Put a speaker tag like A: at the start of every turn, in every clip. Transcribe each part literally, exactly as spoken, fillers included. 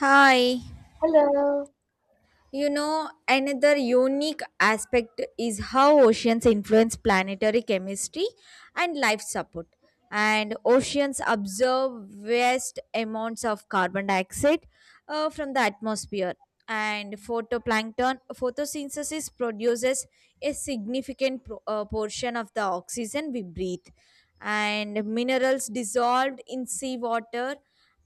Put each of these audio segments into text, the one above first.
A: Hi.
B: Hello.
A: You know, another unique aspect is how oceans influence planetary chemistry and life support. And oceans absorb vast amounts of carbon dioxide uh, from the atmosphere. And photoplankton photosynthesis produces a significant pro- uh, portion of the oxygen we breathe. And minerals dissolved in seawater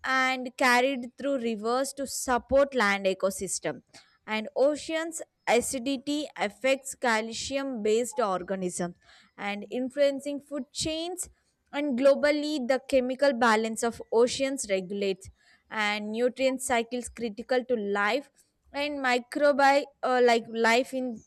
A: and carried through rivers to support land ecosystem, and oceans acidity affects calcium based organisms and influencing food chains, and globally the chemical balance of oceans regulates and nutrient cycles critical to life, and microbi uh, like life in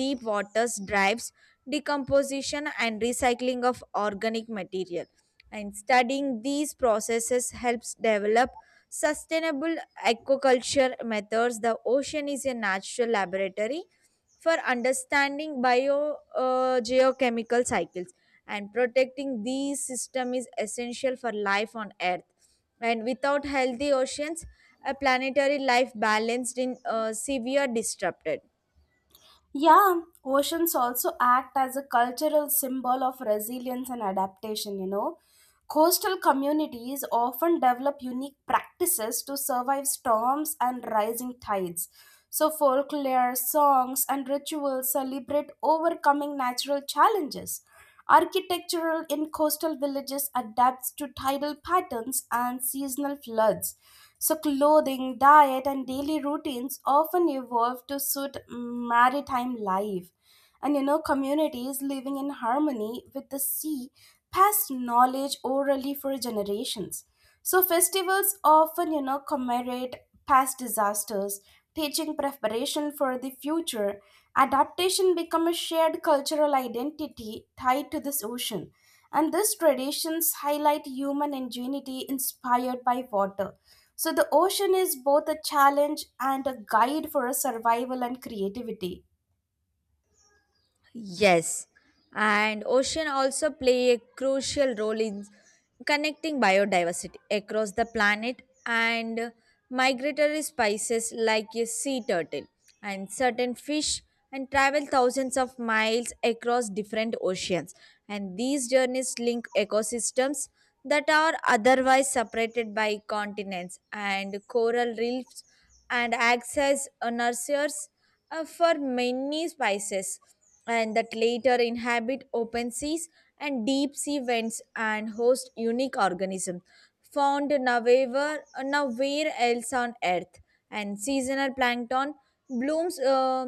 A: deep waters drives decomposition and recycling of organic material, and studying these processes helps develop sustainable aquaculture methods. The ocean is a natural laboratory for understanding bio uh, geochemical cycles, and protecting these system is essential for life on earth, and without healthy oceans a planetary life balanced in uh, severe disrupted.
B: Yeah, oceans also act as a cultural symbol of resilience and adaptation, you know. Coastal communities often develop unique practices to survive storms and rising tides. So, folklore, songs, and rituals celebrate overcoming natural challenges. Architectural in coastal villages adapts to tidal patterns and seasonal floods. So, clothing, diet, and daily routines often evolve to suit maritime life. And you know, communities living in harmony with the sea pass knowledge orally for generations. So, festivals often, you know, commemorate past disasters, teaching preparation for the future. Adaptation become a shared cultural identity tied to this ocean. And these traditions highlight human ingenuity inspired by water. So the ocean is both a challenge and a guide for a survival and creativity.
A: Yes, and ocean also play a crucial role in connecting biodiversity across the planet, and migratory species like a sea turtle and certain fish and travel thousands of miles across different oceans, and these journeys link ecosystems that are otherwise separated by continents, and coral reefs and access nurseries uh, for many species and that later inhabit open seas, and deep sea vents and host unique organisms found nowhere, nowhere else on earth, and seasonal plankton blooms uh,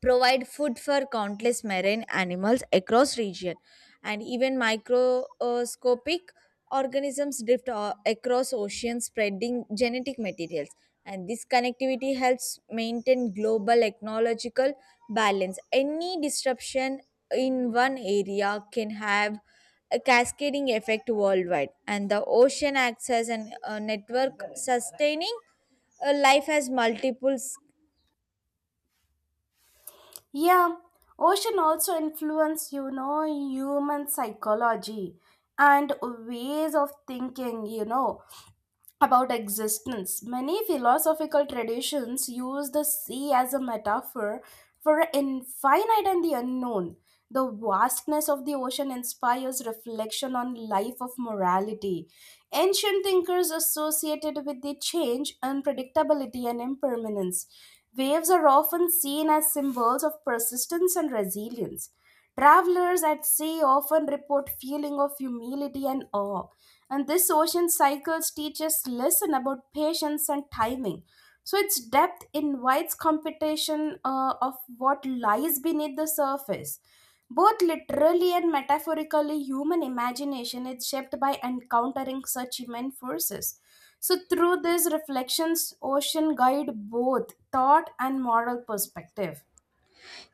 A: provide food for countless marine animals across region, and even microscopic organisms drift o- across oceans spreading genetic materials, and this connectivity helps maintain global ecological balance. Any disruption in one area can have a cascading effect worldwide, and the ocean acts as an, a network sustaining a life has multiple.
B: Yeah, ocean also influence you know human psychology and ways of thinking, you know. About existence. Many philosophical traditions use the sea as a metaphor for infinite and the unknown. The vastness of the ocean inspires reflection on life of morality. Ancient thinkers associated with the change, unpredictability, and impermanence. Waves are often seen as symbols of persistence and resilience. Travelers at sea often report feeling of humility and awe, and this ocean cycles teaches lesson about patience and timing. So its depth invites competition uh, of what lies beneath the surface. Both literally and metaphorically, human imagination is shaped by encountering such immense forces. So through these reflections, ocean guide both thought and moral perspective.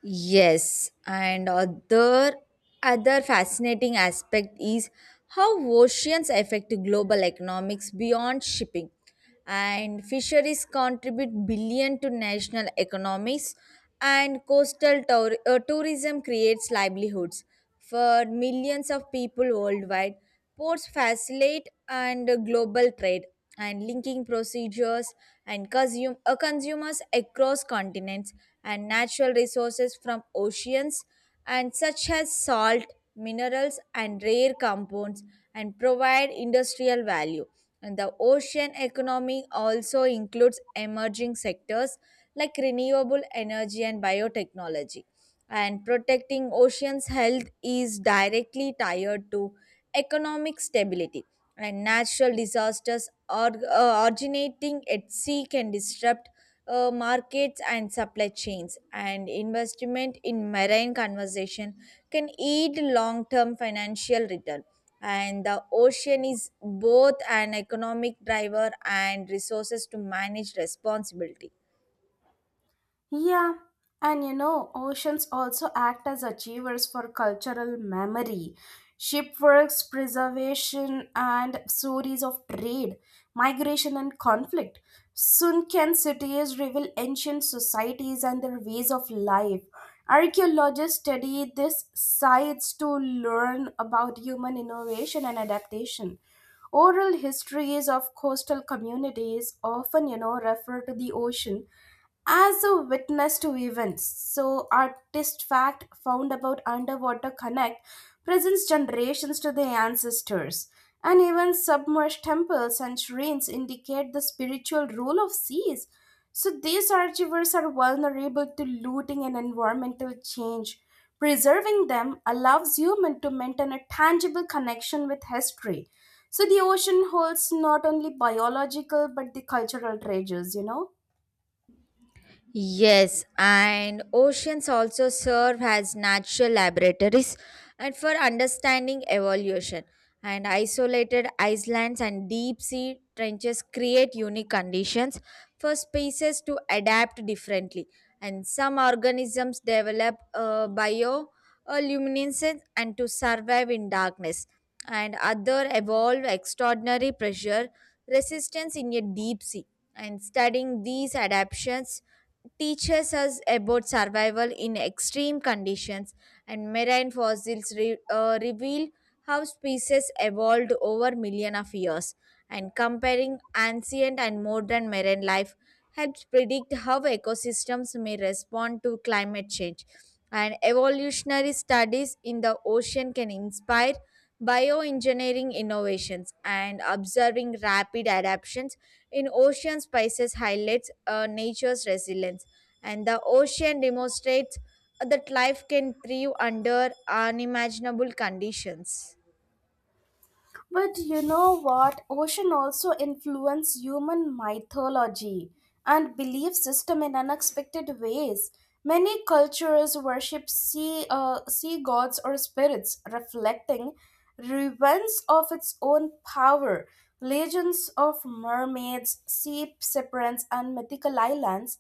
A: Yes, and other other fascinating aspect is how oceans affect global economics beyond shipping. And fisheries contribute billion to national economies, and coastal tour- uh, tourism creates livelihoods for millions of people worldwide. Ports facilitate and global trade and linking procedures and consume, uh, consumers across continents, and natural resources from oceans and such as salt, minerals and rare compounds and provide industrial value. And the ocean economy also includes emerging sectors like renewable energy and biotechnology, and protecting oceans health is directly tied to economic stability, and natural disasters or, uh, originating at sea can disrupt uh, markets and supply chains, and investment in marine conservation can yield long-term financial return, and the ocean is both an economic driver and resources to manage responsibility.
B: Yeah, and you know, oceans also act as achievers for cultural memory. Shipwrecks, preservation, and stories of trade, migration, and conflict. Sunken cities reveal ancient societies and their ways of life. Archaeologists study these sites to learn about human innovation and adaptation. Oral histories of coastal communities often, you know, refer to the ocean as a witness to events. So, artist fact found about underwater connect presents generations to their ancestors. And even submerged temples and shrines indicate the spiritual role of seas. So, these archivers are vulnerable to looting and environmental change. Preserving them allows humans to maintain a tangible connection with history. So the ocean holds not only biological but the cultural treasures, you know.
A: Yes, and oceans also serve as natural laboratories and for understanding evolution. And isolated islands and deep sea trenches create unique conditions for species to adapt differently. And some organisms develop uh, bioluminescence and to survive in darkness. And other evolve extraordinary pressure resistance in a deep sea. And studying these adaptations teaches us about survival in extreme conditions, and marine fossils re- uh, reveal how species evolved over millions of years. And comparing ancient and modern marine life helps predict how ecosystems may respond to climate change. And evolutionary studies in the ocean can inspire bioengineering innovations, and observing rapid adaptations in ocean, spices highlights uh, nature's resilience, and the ocean demonstrates that life can thrive under unimaginable conditions.
B: But you know what? Ocean also influence human mythology and belief system in unexpected ways. Many cultures worship sea, uh, sea gods or spirits, reflecting reverence of its own power. Legends of mermaids, sea serpents, and mythical islands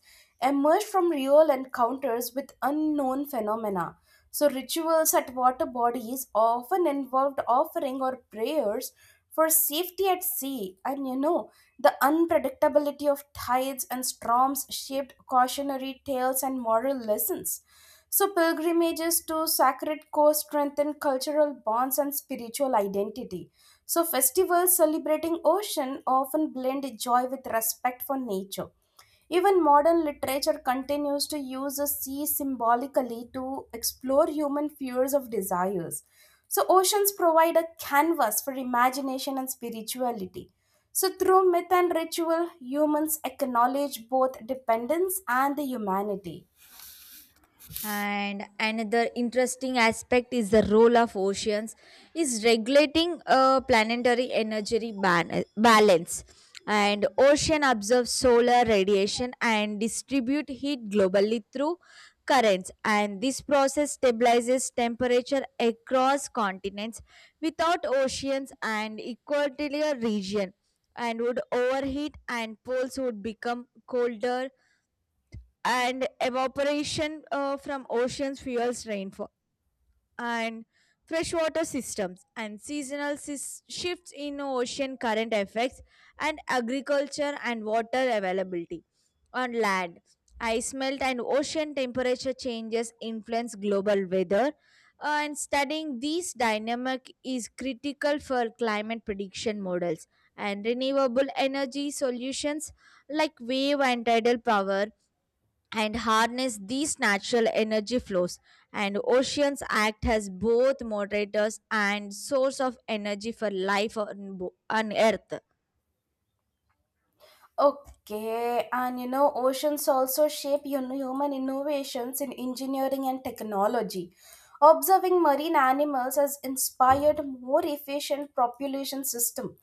B: emerge from real encounters with unknown phenomena. So rituals at water bodies often involved offering or prayers for safety at sea. And you know, the unpredictability of tides and storms shaped cautionary tales and moral lessons. So pilgrimages to sacred coast strengthen cultural bonds and spiritual identity. So festivals celebrating ocean often blend joy with respect for nature. Even modern literature continues to use the sea symbolically to explore human fears of desires. So, oceans provide a canvas for imagination and spirituality. So, through myth and ritual, humans acknowledge both dependence and the humanity.
A: And another interesting aspect is the role of oceans is regulating a planetary energy ban- balance, and ocean absorbs solar radiation and distribute heat globally through currents, and this process stabilizes temperature across continents. Without oceans and equatorial region and would overheat and poles would become colder, and evaporation uh, from oceans fuels rainfall and freshwater systems, and seasonal sys- shifts in ocean current effects and agriculture and water availability on land. Ice melt and ocean temperature changes influence global weather. Uh, and studying these dynamic is critical for climate prediction models and renewable energy solutions like wave and tidal power and harness these natural energy flows, and oceans act as both moderators and source of energy for life on, bo- on earth.
B: Okay, and you know, oceans also shape you know, human innovations in engineering and technology. Observing marine animals has inspired more efficient propulsion system.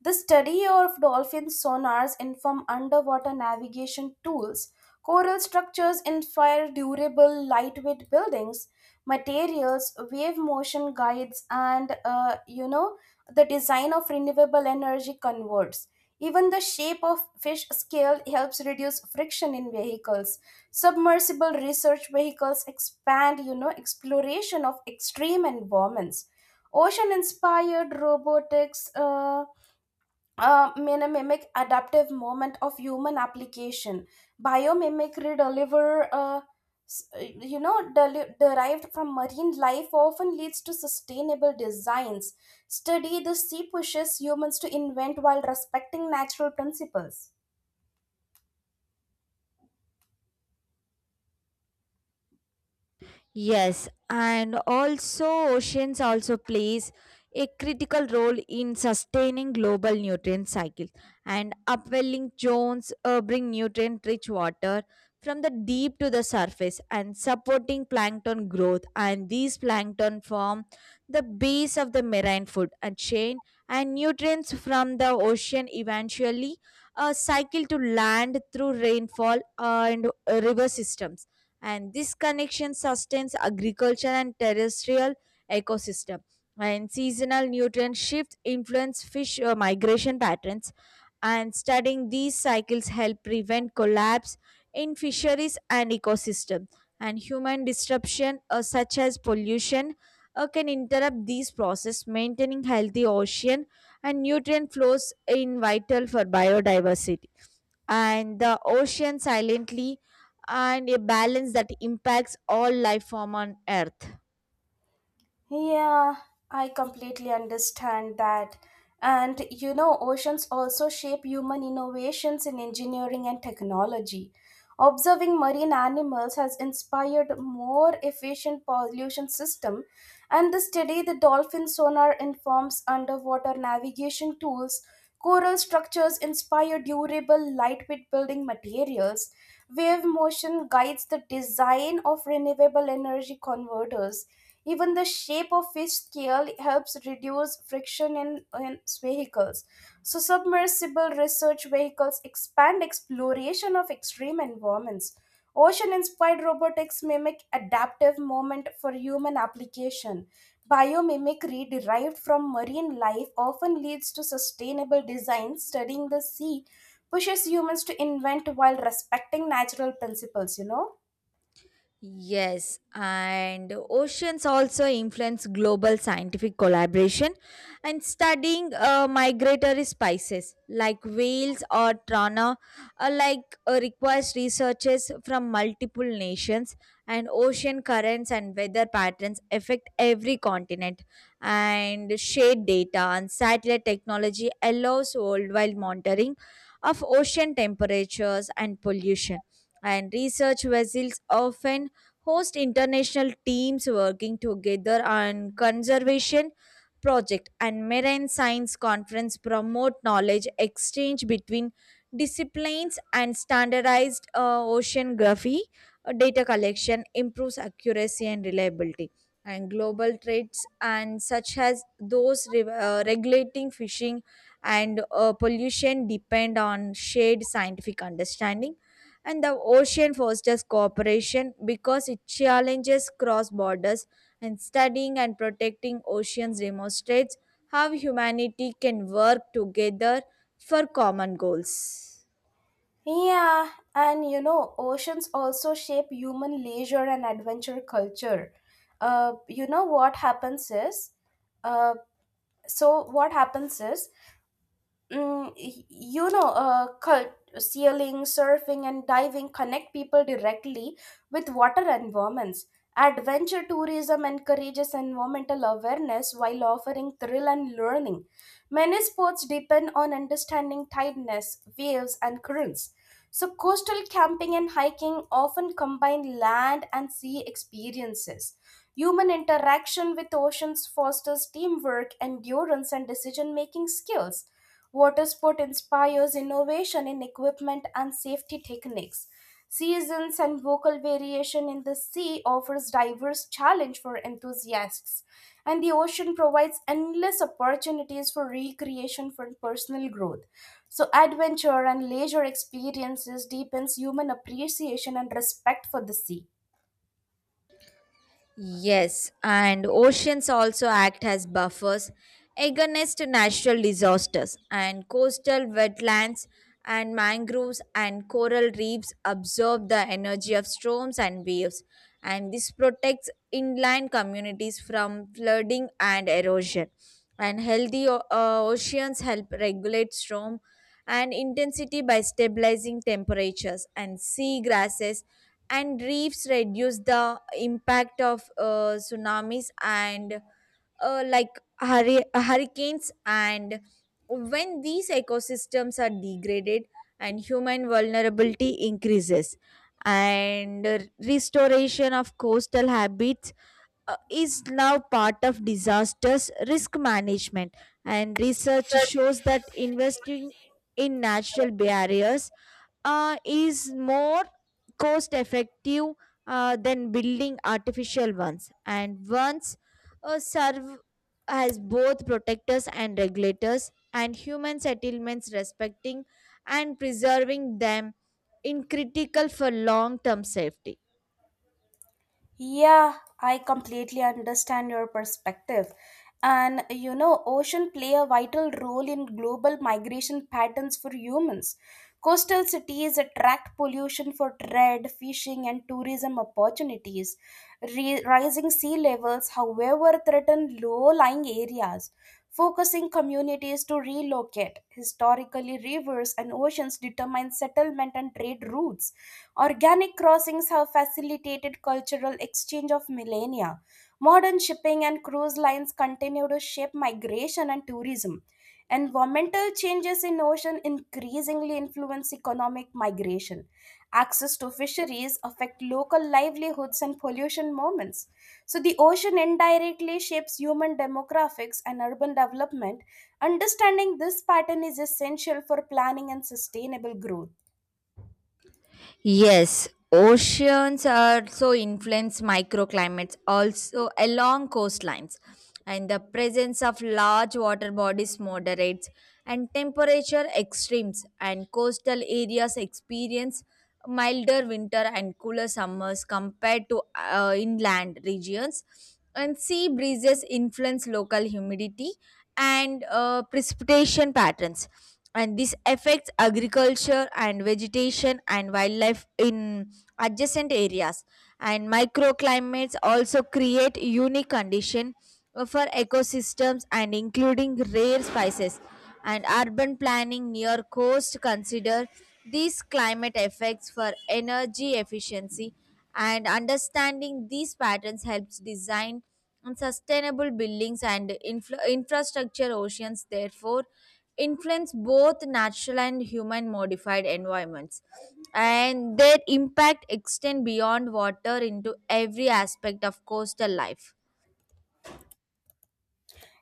B: The study of dolphin sonars inform underwater navigation tools. Coral structures inspire durable, lightweight buildings. Materials, wave motion guides, and uh, you know the design of renewable energy converts. Even the shape of fish scale helps reduce friction in vehicles. Submersible research vehicles expand, you know, exploration of extreme environments. Ocean inspired robotics uh, uh, minimimic adaptive moment of human application. Biomimicry deliver uh, s- uh, you know deli- derived from marine life often leads to sustainable designs. Study the sea pushes humans to invent while respecting natural principles.
A: Yes, and also oceans also plays a critical role in sustaining global nutrient cycle, and upwelling zones uh, bring nutrient rich water from the deep to the surface and supporting plankton growth, and these plankton form the base of the marine food and chain, and nutrients from the ocean eventually uh, cycle to land through rainfall uh, and uh, river systems, and this connection sustains agriculture and terrestrial ecosystem, and seasonal nutrient shifts influence fish uh, migration patterns, and studying these cycles help prevent collapse in fisheries and ecosystem, and human disruption uh, such as pollution uh, can interrupt these processes maintaining healthy ocean, and nutrient flows in vital for biodiversity, and the ocean silently and a balance that impacts all life form on earth.
B: Yeah, I completely understand that. And you know, oceans also shape human innovations in engineering and technology. Observing marine animals has inspired more efficient pollution systems, and the study the dolphin sonar informs underwater navigation tools. Coral structures inspire durable, lightweight building materials. Wave motion guides the design of renewable energy converters. Even the shape of fish scale helps reduce friction in, in vehicles. So, submersible research vehicles expand exploration of extreme environments. Ocean inspired robotics mimic adaptive movement for human application. Biomimicry derived from marine life often leads to sustainable design. Studying the sea pushes humans to invent while respecting natural principles, you know?
A: Yes, and oceans also influence global scientific collaboration, and studying uh, migratory species like whales or trana uh, like uh, requires researchers from multiple nations, and ocean currents and weather patterns affect every continent, and shade data and satellite technology allows worldwide monitoring of ocean temperatures and pollution, and research vessels often host international teams working together on conservation project, and marine science conference promote knowledge exchange between disciplines, and standardized uh, oceanography uh, data collection improves accuracy and reliability, and global trades and such as those re- uh, regulating fishing and uh, pollution depend on shared scientific understanding, and the ocean fosters cooperation because it challenges cross borders, and studying and protecting oceans demonstrates how humanity can work together for common goals.
B: Yeah, and you know, oceans also shape human leisure and adventure culture. Uh, you know what happens is, uh, so what happens is mm, y- you know, uh, cult, Sailing, surfing, and diving connect people directly with water environments. Adventure tourism encourages environmental awareness while offering thrill and learning. Many sports depend on understanding tideness, waves, and currents. So, coastal camping and hiking often combine land and sea experiences. Human interaction with oceans fosters teamwork, endurance, and decision making skills. Water sport inspires innovation in equipment and safety techniques. Seasons and vocal variation in the sea offers diverse challenge for enthusiasts, and the ocean provides endless opportunities for recreation for personal growth. So adventure and leisure experiences deepens human appreciation and respect for the sea.
A: Yes, and oceans also act as buffers against natural disasters, and coastal wetlands and mangroves and coral reefs absorb the energy of storms and waves, and this protects inland communities from flooding and erosion. And healthy o- uh, oceans help regulate storm and intensity by stabilizing temperatures, and sea grasses and reefs reduce the impact of uh, tsunamis and uh, like hurri- hurricanes, and when these ecosystems are degraded and human vulnerability increases, and uh, restoration of coastal habits uh, is now part of disasters risk management, and research shows that investing in natural barriers uh, is more cost effective uh, than building artificial ones, and once uh, serve as both protectors and regulators, and human settlements respecting and preserving them in critical for long term safety.
B: Yeah, I completely understand your perspective. And you know, ocean play a vital role in global migration patterns for humans. Coastal cities attract pollution for trade, fishing, and tourism opportunities. Re- rising sea levels, however, threaten low-lying areas, focusing communities to relocate. Historically, rivers and oceans determine settlement and trade routes. Organic crossings have facilitated cultural exchange of millennia. Modern shipping and cruise lines continue to shape migration and tourism. Environmental changes in ocean increasingly influence economic migration. Access to fisheries affect local livelihoods and pollution moments. So the ocean indirectly shapes human demographics and urban development. Understanding this pattern is essential for planning and sustainable growth.
A: Yes, oceans also influence microclimates, also along coastlines, and the presence of large water bodies moderates and temperature extremes, and coastal areas experience milder winter and cooler summers compared to uh, inland regions. And sea breezes influence local humidity and uh, precipitation patterns, and this affects agriculture and vegetation and wildlife in adjacent areas, and microclimates also create unique condition uh, for ecosystems and including rare species, and urban planning near coast consider these climate effects for energy efficiency, and understanding these patterns helps design and sustainable buildings and infra- infrastructure. Oceans therefore influence both natural and human modified environments, and their impact extend beyond water into every aspect of coastal life.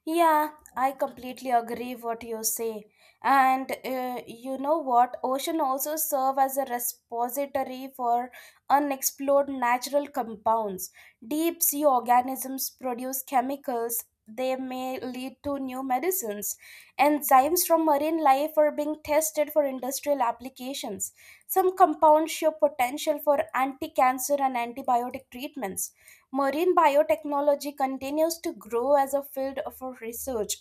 B: Yeah, I completely agree what you say. And uh, you know what? Ocean also serve as a repository for unexplored natural compounds. Deep sea organisms produce chemicals. They may lead to new medicines. Enzymes from marine life are being tested for industrial applications. Some compounds show potential for anti-cancer and antibiotic treatments. Marine biotechnology continues to grow as a field for research.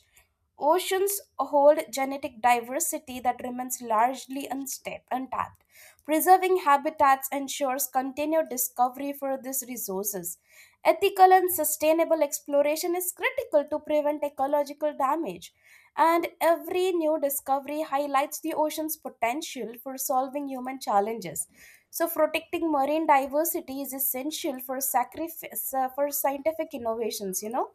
B: Oceans hold genetic diversity that remains largely unsta- untapped. Preserving habitats ensures continued discovery for these resources. Ethical and sustainable exploration is critical to prevent ecological damage, and every new discovery highlights the ocean's potential for solving human challenges. So, protecting marine diversity is essential for sacrifice uh, for scientific innovations. You know.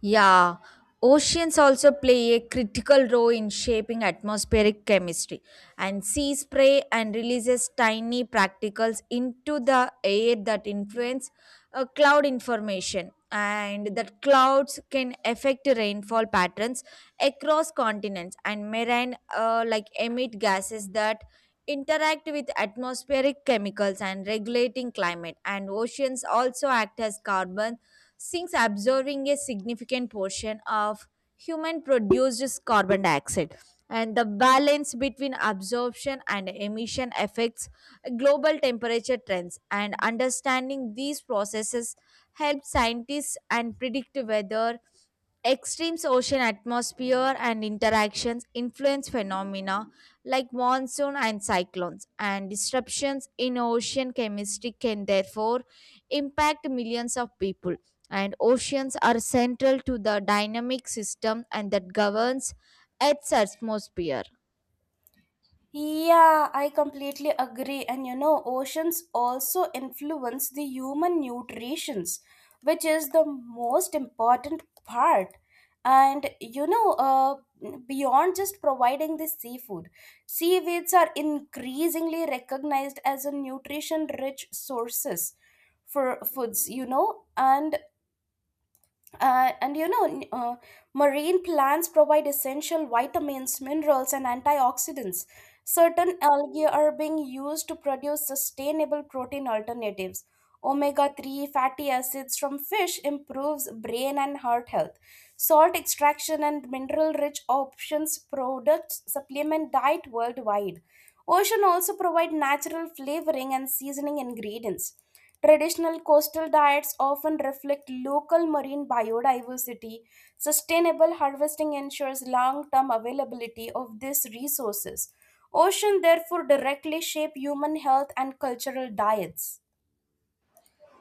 A: Yeah, oceans also play a critical role in shaping atmospheric chemistry, and sea spray and releases tiny particles into the air that influence uh, cloud information, and that clouds can affect rainfall patterns across continents, and marine uh, like emit gases that interact with atmospheric chemicals and regulating climate, and oceans also act as carbon since absorbing a significant portion of human produced carbon dioxide, and the balance between absorption and emission affects global temperature trends, and understanding these processes helps scientists and predict whether extremes ocean atmosphere and interactions influence phenomena like monsoon and cyclones, and disruptions in ocean chemistry can therefore impact millions of people, and oceans are central to the dynamic system and that governs Earth's atmosphere.
B: Yeah, I completely agree. And you know, oceans also influence the human nutritions, which is the most important part. And you know, uh, beyond just providing the seafood, seaweeds are increasingly recognized as a nutrition-rich sources for foods. You know, and uh, and you know uh, Marine plants provide essential vitamins minerals and antioxidants. Certain algae are being used to produce sustainable protein alternatives. omega three fatty acids from fish improves brain and heart health. Salt extraction and mineral-rich options products supplement diet worldwide. Ocean also provide natural flavoring and seasoning ingredients. Traditional coastal diets often reflect local marine biodiversity. Sustainable harvesting ensures long-term availability of these resources. Ocean therefore directly shape human health and cultural diets.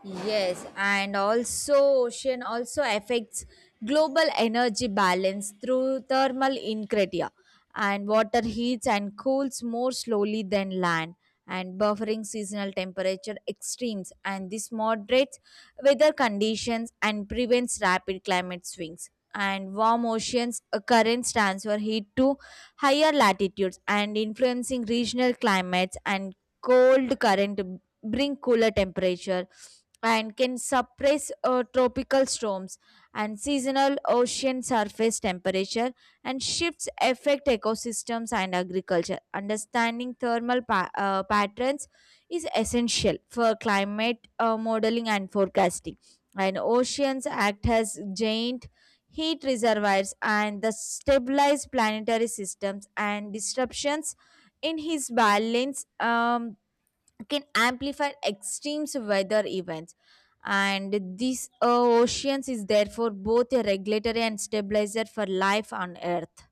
A: Yes, and also ocean also affects global energy balance through thermal incretia, and water heats and cools more slowly than land and buffering seasonal temperature extremes, and this moderates weather conditions and prevents rapid climate swings, and warm oceans uh, currents transfer heat to higher latitudes and influencing regional climates, and cold current bring cooler temperature and can suppress uh, tropical storms, and seasonal ocean surface temperature and shifts affect ecosystems and agriculture. Understanding thermal pa- uh, patterns is essential for climate uh, modeling and forecasting, and oceans act as giant heat reservoirs and the stabilize planetary systems, and disruptions in his balance um, can amplify extreme weather events, and this uh, oceans is therefore both a regulatory and stabilizer for life on earth.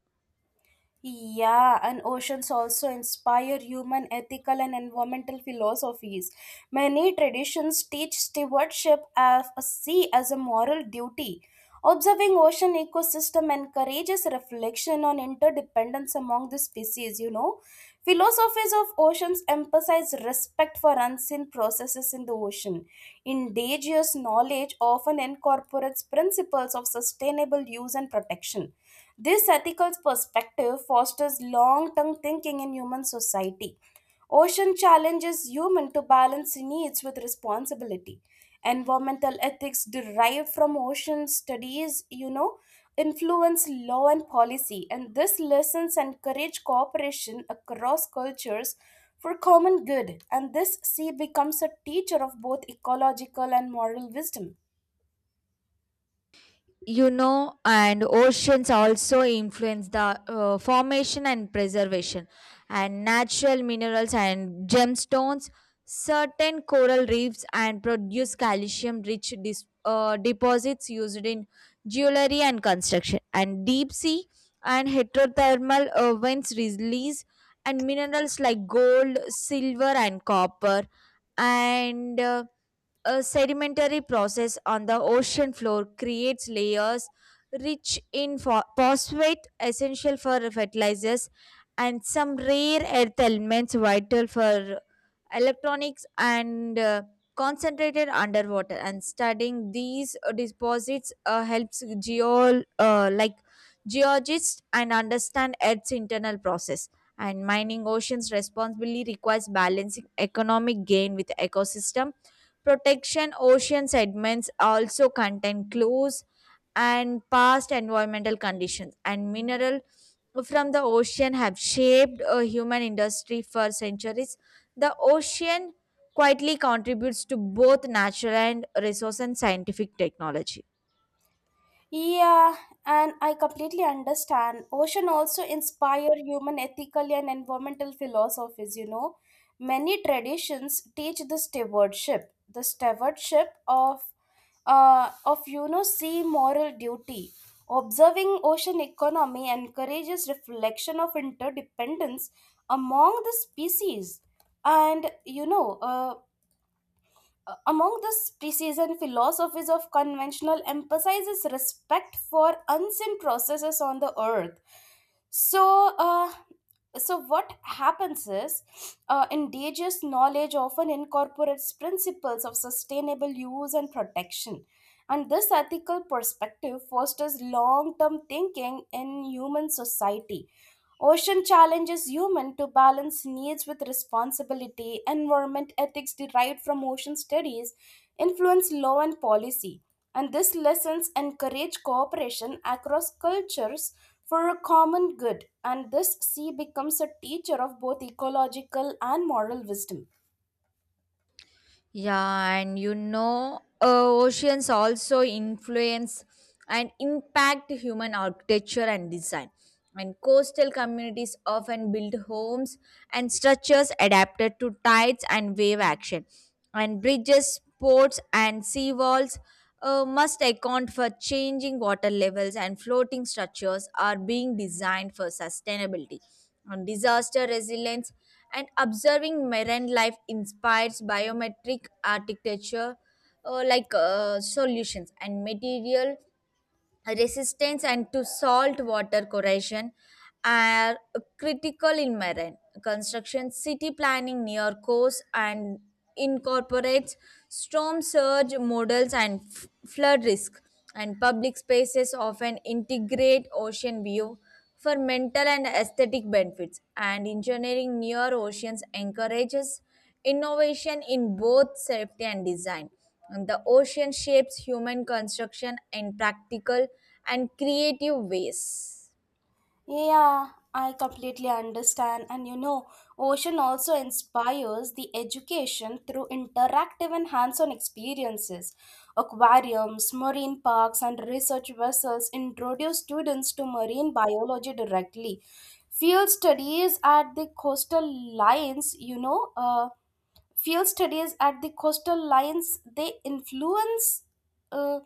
B: Yeah, and oceans also inspire human ethical and environmental philosophies. Many traditions teach stewardship of a sea as a moral duty. Observing ocean ecosystem encourages reflection on interdependence among the species, you know. Philosophies of oceans emphasize respect for unseen processes in the ocean. Indigenous knowledge often incorporates principles of sustainable use and protection. This ethical perspective fosters long term thinking in human society. Ocean challenges human to balance needs with responsibility. Environmental ethics derived from ocean studies, you know, influence law and policy, and these lessons encourage cooperation across cultures for common good. And this sea becomes a teacher of both ecological and moral wisdom.
A: You know, and oceans also influence the uh, formation and preservation and natural minerals and gemstones. Certain coral reefs and produce calcium rich dis- uh, deposits used in jewelry and construction, and deep sea and heterothermal uh, vents release and minerals like gold silver and copper, and uh, a sedimentary process on the ocean floor creates layers rich in pho- phosphate, essential for fertilizers, and some rare earth elements vital for electronics and uh, concentrated underwater, and studying these uh, deposits uh, helps geo uh, like geologists and understand earth's internal process, and mining oceans responsibly requires balancing economic gain with ecosystem protection. Ocean sediments also contain clues and past environmental conditions, and mineral from the ocean have shaped a human industry for centuries. The ocean quietly contributes to both natural and resource and scientific technology.
B: Yeah, and I completely understand. Ocean also inspire human ethical and environmental philosophies, you know. Many traditions teach the stewardship, the stewardship of uh, of you know sea moral duty. Observing ocean economy encourages reflection of interdependence among the species. And you know, uh, uh, among the species and philosophies of conventional emphasizes respect for unseen processes on the earth. So uh, so what happens is uh, Indigenous knowledge often incorporates principles of sustainable use and protection. And this ethical perspective fosters long-term thinking in human society. Ocean challenges human to balance needs with responsibility. Environment ethics derived from ocean studies influence law and policy, and these lessons encourage cooperation across cultures for a common good. And this sea becomes a teacher of both ecological and moral wisdom.
A: Yeah, and you know, uh, oceans also influence and impact human architecture and design. And coastal communities often build homes and structures adapted to tides and wave action. And bridges, ports, and seawalls uh, must account for changing water levels, and floating structures are being designed for sustainability on disaster resilience. And observing marine life inspires biometric architecture, uh, like uh, solutions and material resistance and to salt water corrosion are critical in marine construction. City planning near coast and incorporates storm surge models and f- flood risk. And public spaces often integrate ocean view for mental and aesthetic benefits. And engineering near oceans encourages innovation in both safety and design. And the ocean shapes human construction in practical and creative ways.
B: Yeah, I completely understand. And you know, ocean also inspires the education through interactive and hands on experiences. Aquariums, marine parks, and research vessels introduce students to marine biology directly. Field studies at the coastal lines, you know, uh, field studies at the coastal lines, they influence. Uh,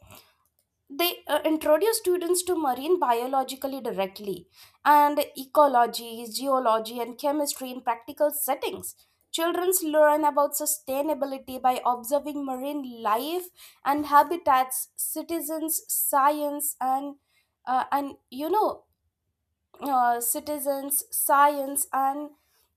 B: they uh, introduce students to marine biologically directly, and ecology geology and chemistry in practical settings. Children learn about sustainability by observing marine life and habitats. Citizens science and uh, and you know uh, citizens, science, and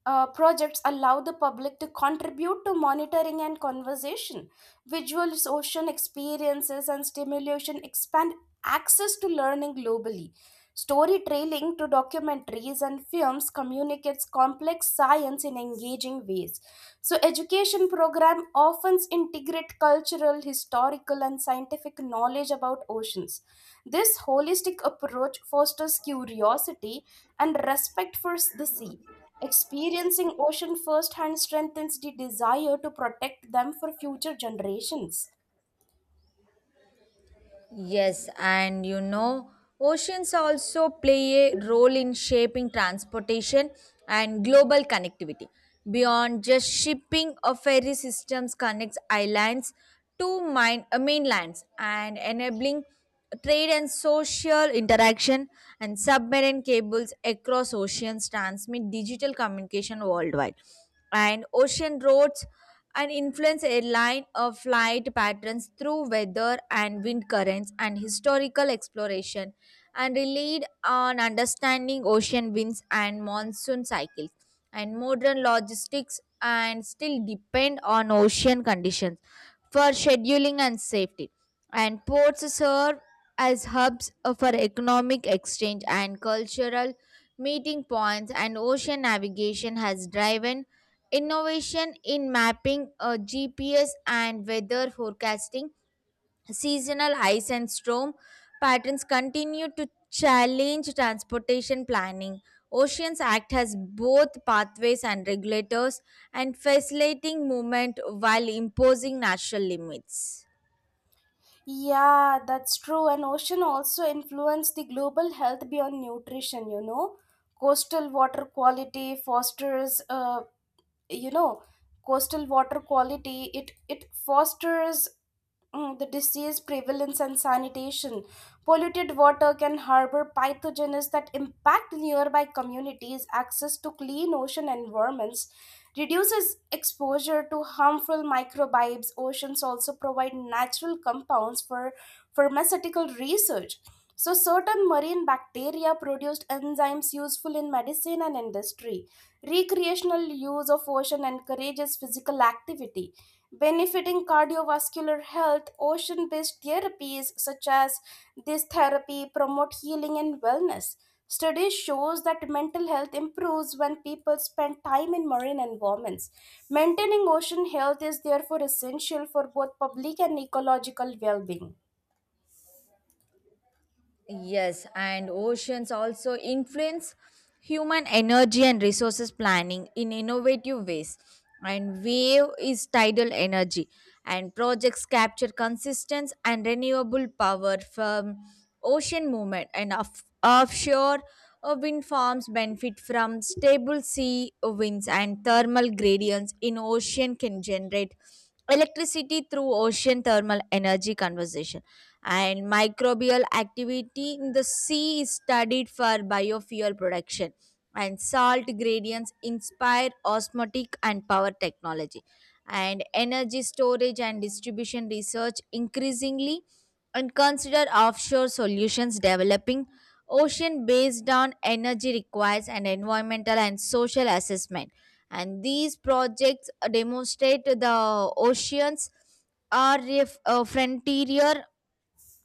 B: uh, projects allow the public to contribute to monitoring and conversation. Visual social experiences and stimulation expand access to learning globally. Storytelling to documentaries and films communicates complex science in engaging ways. So, education program often integrate cultural, historical, and scientific knowledge about oceans. This holistic approach fosters curiosity and respect for the sea. Experiencing ocean firsthand strengthens the desire to protect them for future generations.
A: Yes, and you know, oceans also play a role in shaping transportation and global connectivity. Beyond just shipping, a ferry systems connects islands to mine, uh, mainlands and enabling trade and social interaction. And submarine cables across oceans transmit digital communication worldwide. And ocean roads and influence airline of flight patterns through weather and wind currents. And historical exploration and relied on understanding ocean winds and monsoon cycles. And modern logistics and still depend on ocean conditions for scheduling and safety. And ports serve as hubs for economic exchange and cultural meeting points. And ocean navigation has driven innovation in mapping, uh, G P S, and weather forecasting. Seasonal ice and storm patterns continue to challenge transportation planning. Oceans act has both pathways and regulators, and facilitating movement while imposing natural limits.
B: Yeah, that's true. And ocean also influence the global health beyond nutrition, you know. Coastal water quality fosters uh, you know coastal water quality it it fosters, mm, the disease prevalence and sanitation. Polluted water can harbor pathogens that impact nearby communities' access to clean ocean environments, reduces exposure to harmful microbes. Oceans also provide natural compounds for pharmaceutical research, so certain marine bacteria produced enzymes useful in medicine and industry. Recreational use of ocean encourages physical activity, benefiting cardiovascular health. Ocean based therapies such as this therapy promote healing and wellness. Studies shows that mental health improves when people spend time in marine environments. Maintaining ocean health is therefore essential for both public and ecological well-being.
A: Yes, and oceans also influence human energy and resources planning in innovative ways. And wave is tidal energy, and projects capture consistent and renewable power from ocean movement. And off- offshore uh, wind farms benefit from stable sea winds, and thermal gradients in ocean can generate electricity through ocean thermal energy conversion. And microbial activity in the sea is studied for biofuel production. And salt gradients inspire osmotic and power technology. And energy storage and distribution research increasingly and consider offshore solutions. Developing ocean based on energy requires an environmental and social assessment. And these projects demonstrate the oceans are a, f- a frontier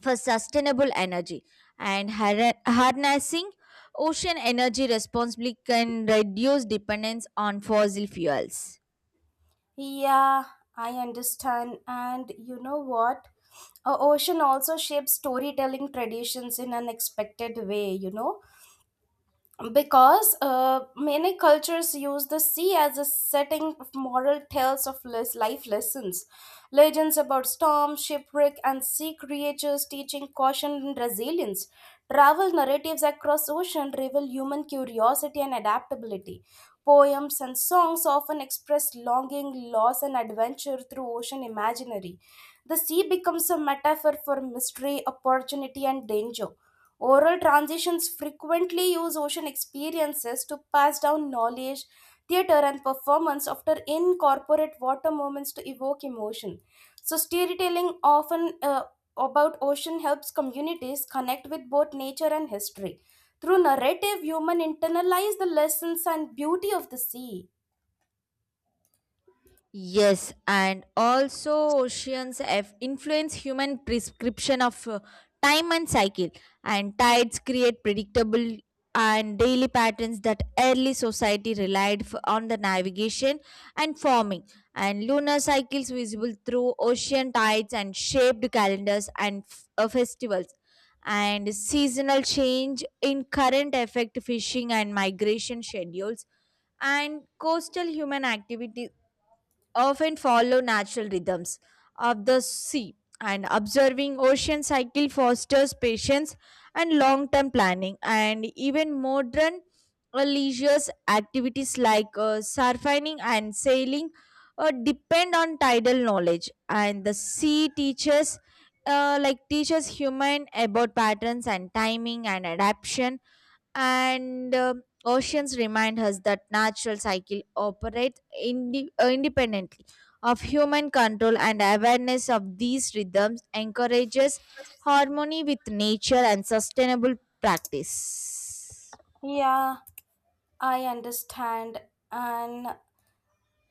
A: for sustainable energy. And har- harnessing ocean energy responsibly can reduce dependence on fossil fuels.
B: Yeah, I understand. And you know what? A ocean also shapes storytelling traditions in unexpected way, you know? Because uh, many cultures use the sea as a setting of moral tales of les- life lessons. Legends about storms shipwreck and sea creatures teaching caution and resilience. Travel narratives across ocean reveal human curiosity and adaptability. Poems and songs often express longing, loss and adventure through ocean imaginary. The sea becomes a metaphor for mystery opportunity and danger. Oral transitions frequently use ocean experiences to pass down knowledge. Theater, and performance after incorporate water moments to evoke emotion. So, storytelling often uh, about ocean helps communities connect with both nature and history. Through narrative, human internalize the lessons and beauty of the sea.
A: Yes, and also oceans have influence human prescription of, uh, time and cycle, and tides create predictable and daily patterns that early society relied f- on the navigation and farming. And lunar cycles visible through ocean tides and shaped calendars and f- uh, festivals. And seasonal change in current affect fishing and migration schedules. And coastal human activity often follow natural rhythms of the sea, and observing ocean cycle fosters patience and long-term planning. And even modern uh, leisure activities like uh, surfing and sailing uh, depend on tidal knowledge, and the sea teaches. Uh, like teaches human about patterns and timing and adaptation. And um, oceans remind us that natural cycle operates indi- uh, independently of human control, and awareness of these rhythms encourages harmony with nature and sustainable practice.
B: Yeah, I understand. And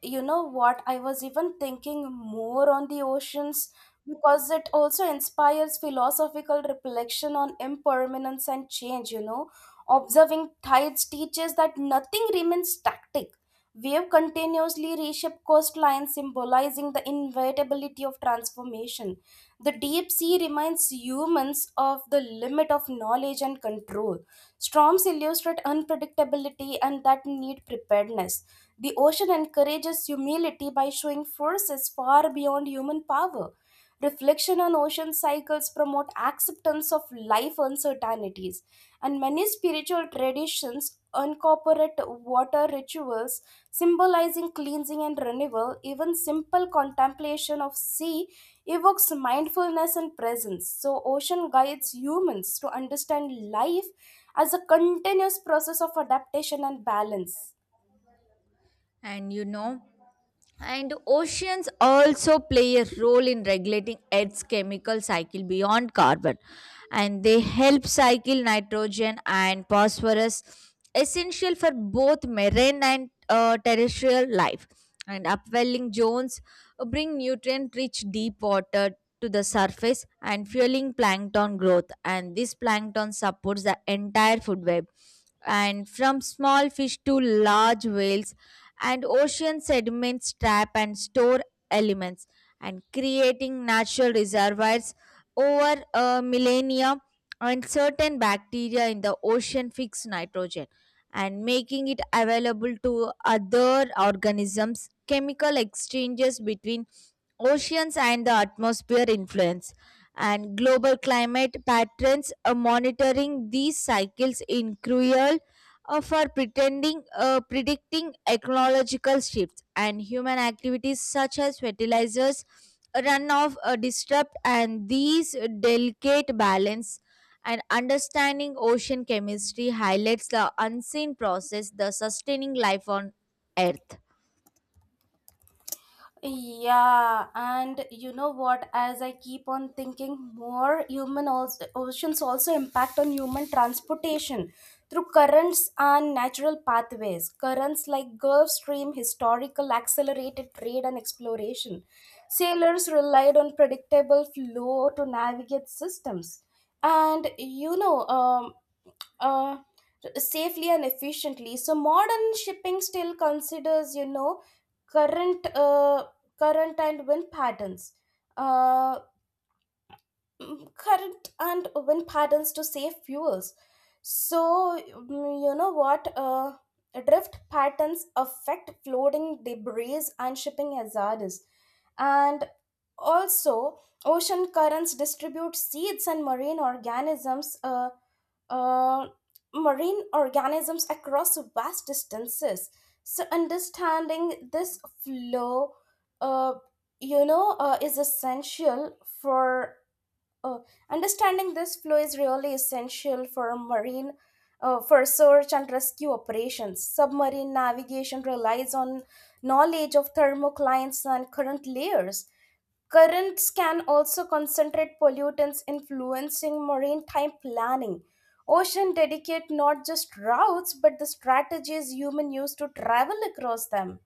B: you know what? I was even thinking more on the oceans, because it also inspires philosophical reflection on impermanence and change, you know. Observing tides teaches that nothing remains static. Wave continuously reshape coastlines, symbolizing the inevitability of transformation. The deep sea reminds humans of the limit of knowledge and control. Storms illustrate unpredictability and that need preparedness. The ocean encourages humility by showing forces far beyond human power. Reflection on ocean cycles promote acceptance of life uncertainties, and many spiritual traditions incorporate water rituals symbolizing cleansing and renewal. Even simple contemplation of sea evokes mindfulness and presence. So, ocean guides humans to understand life as a continuous process of adaptation and balance.
A: And you know, and oceans also play a role in regulating Earth's chemical cycle beyond carbon. And they help cycle nitrogen and phosphorus, essential for both marine and uh, terrestrial life. And upwelling zones bring nutrient rich deep water to the surface and fueling plankton growth. And this plankton supports the entire food web. And from small fish to large whales, and ocean sediments trap and store elements and creating natural reservoirs over a millennia. And certain bacteria in the ocean fix nitrogen and making it available to other organisms. Chemical exchanges between oceans and the atmosphere influence and global climate patterns. Uh, monitoring these cycles in cruel uh, for pretending, uh, predicting ecological shifts, and human activities such as fertilizers runoff uh, disrupt and these delicate balance. And understanding ocean chemistry highlights the unseen process the sustaining life on earth.
B: Yeah, and you know what? As I keep on thinking more, human also, oceans also impact on human transportation through currents and natural pathways. Currents like Gulf Stream, historical accelerated trade and exploration. Sailors relied on predictable flow to navigate systems. And you know, um, uh, safely and efficiently. So modern shipping still considers, you know, current uh, current and wind patterns, uh, mm, current and wind patterns to save fuels. So, mm, you know what uh, drift patterns affect floating debris and shipping hazards, and also, ocean currents distribute seeds and marine organisms, uh, uh, marine organisms across vast distances. So, understanding this flow, uh, you know, uh, is essential for uh, understanding this flow is really essential for marine. Uh, for search and rescue operations, submarine navigation relies on knowledge of thermoclines and current layers. Currents can also concentrate pollutants, influencing maritime planning. Ocean dedicate not just routes but the strategies humans use to travel across them.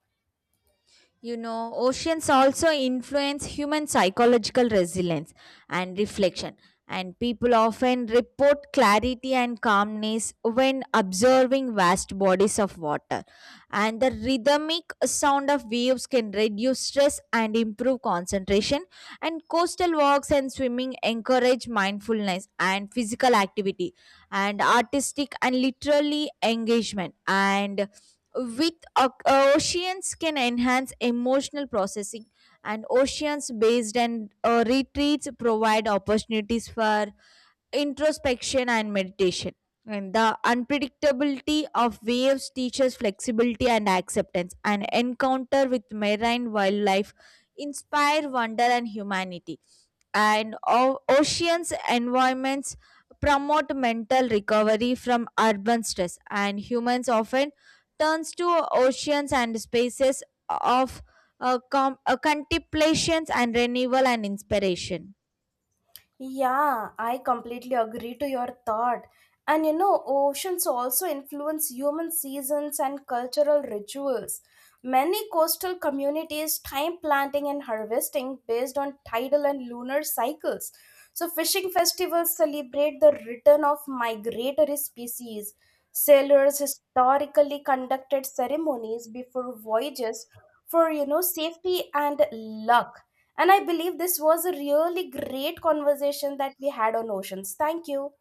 A: You know, oceans also influence human psychological resilience and reflection. And people often report clarity and calmness when observing vast bodies of water. And the rhythmic sound of waves can reduce stress and improve concentration. And coastal walks and swimming encourage mindfulness and physical activity and artistic and literary engagement. And with oc- uh, oceans can enhance emotional processing. And oceans based and uh, retreats provide opportunities for introspection and meditation. And the unpredictability of waves teaches flexibility and acceptance. An encounter with marine wildlife inspire wonder and humanity. And o- oceans environments promote mental recovery from urban stress. And humans often turns to oceans and spaces of uh, com- uh, contemplations and renewal and inspiration.
B: Yeah, I completely agree to your thought. And you know, oceans also influence human seasons and cultural rituals. Many coastal communities time planting and harvesting based on tidal and lunar cycles. So, fishing festivals celebrate the return of migratory species. Sailors historically conducted ceremonies before voyages for, you know, safety and luck, and I believe this was a really great conversation that we had on oceans. Thank you.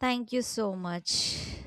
A: Thank you so much.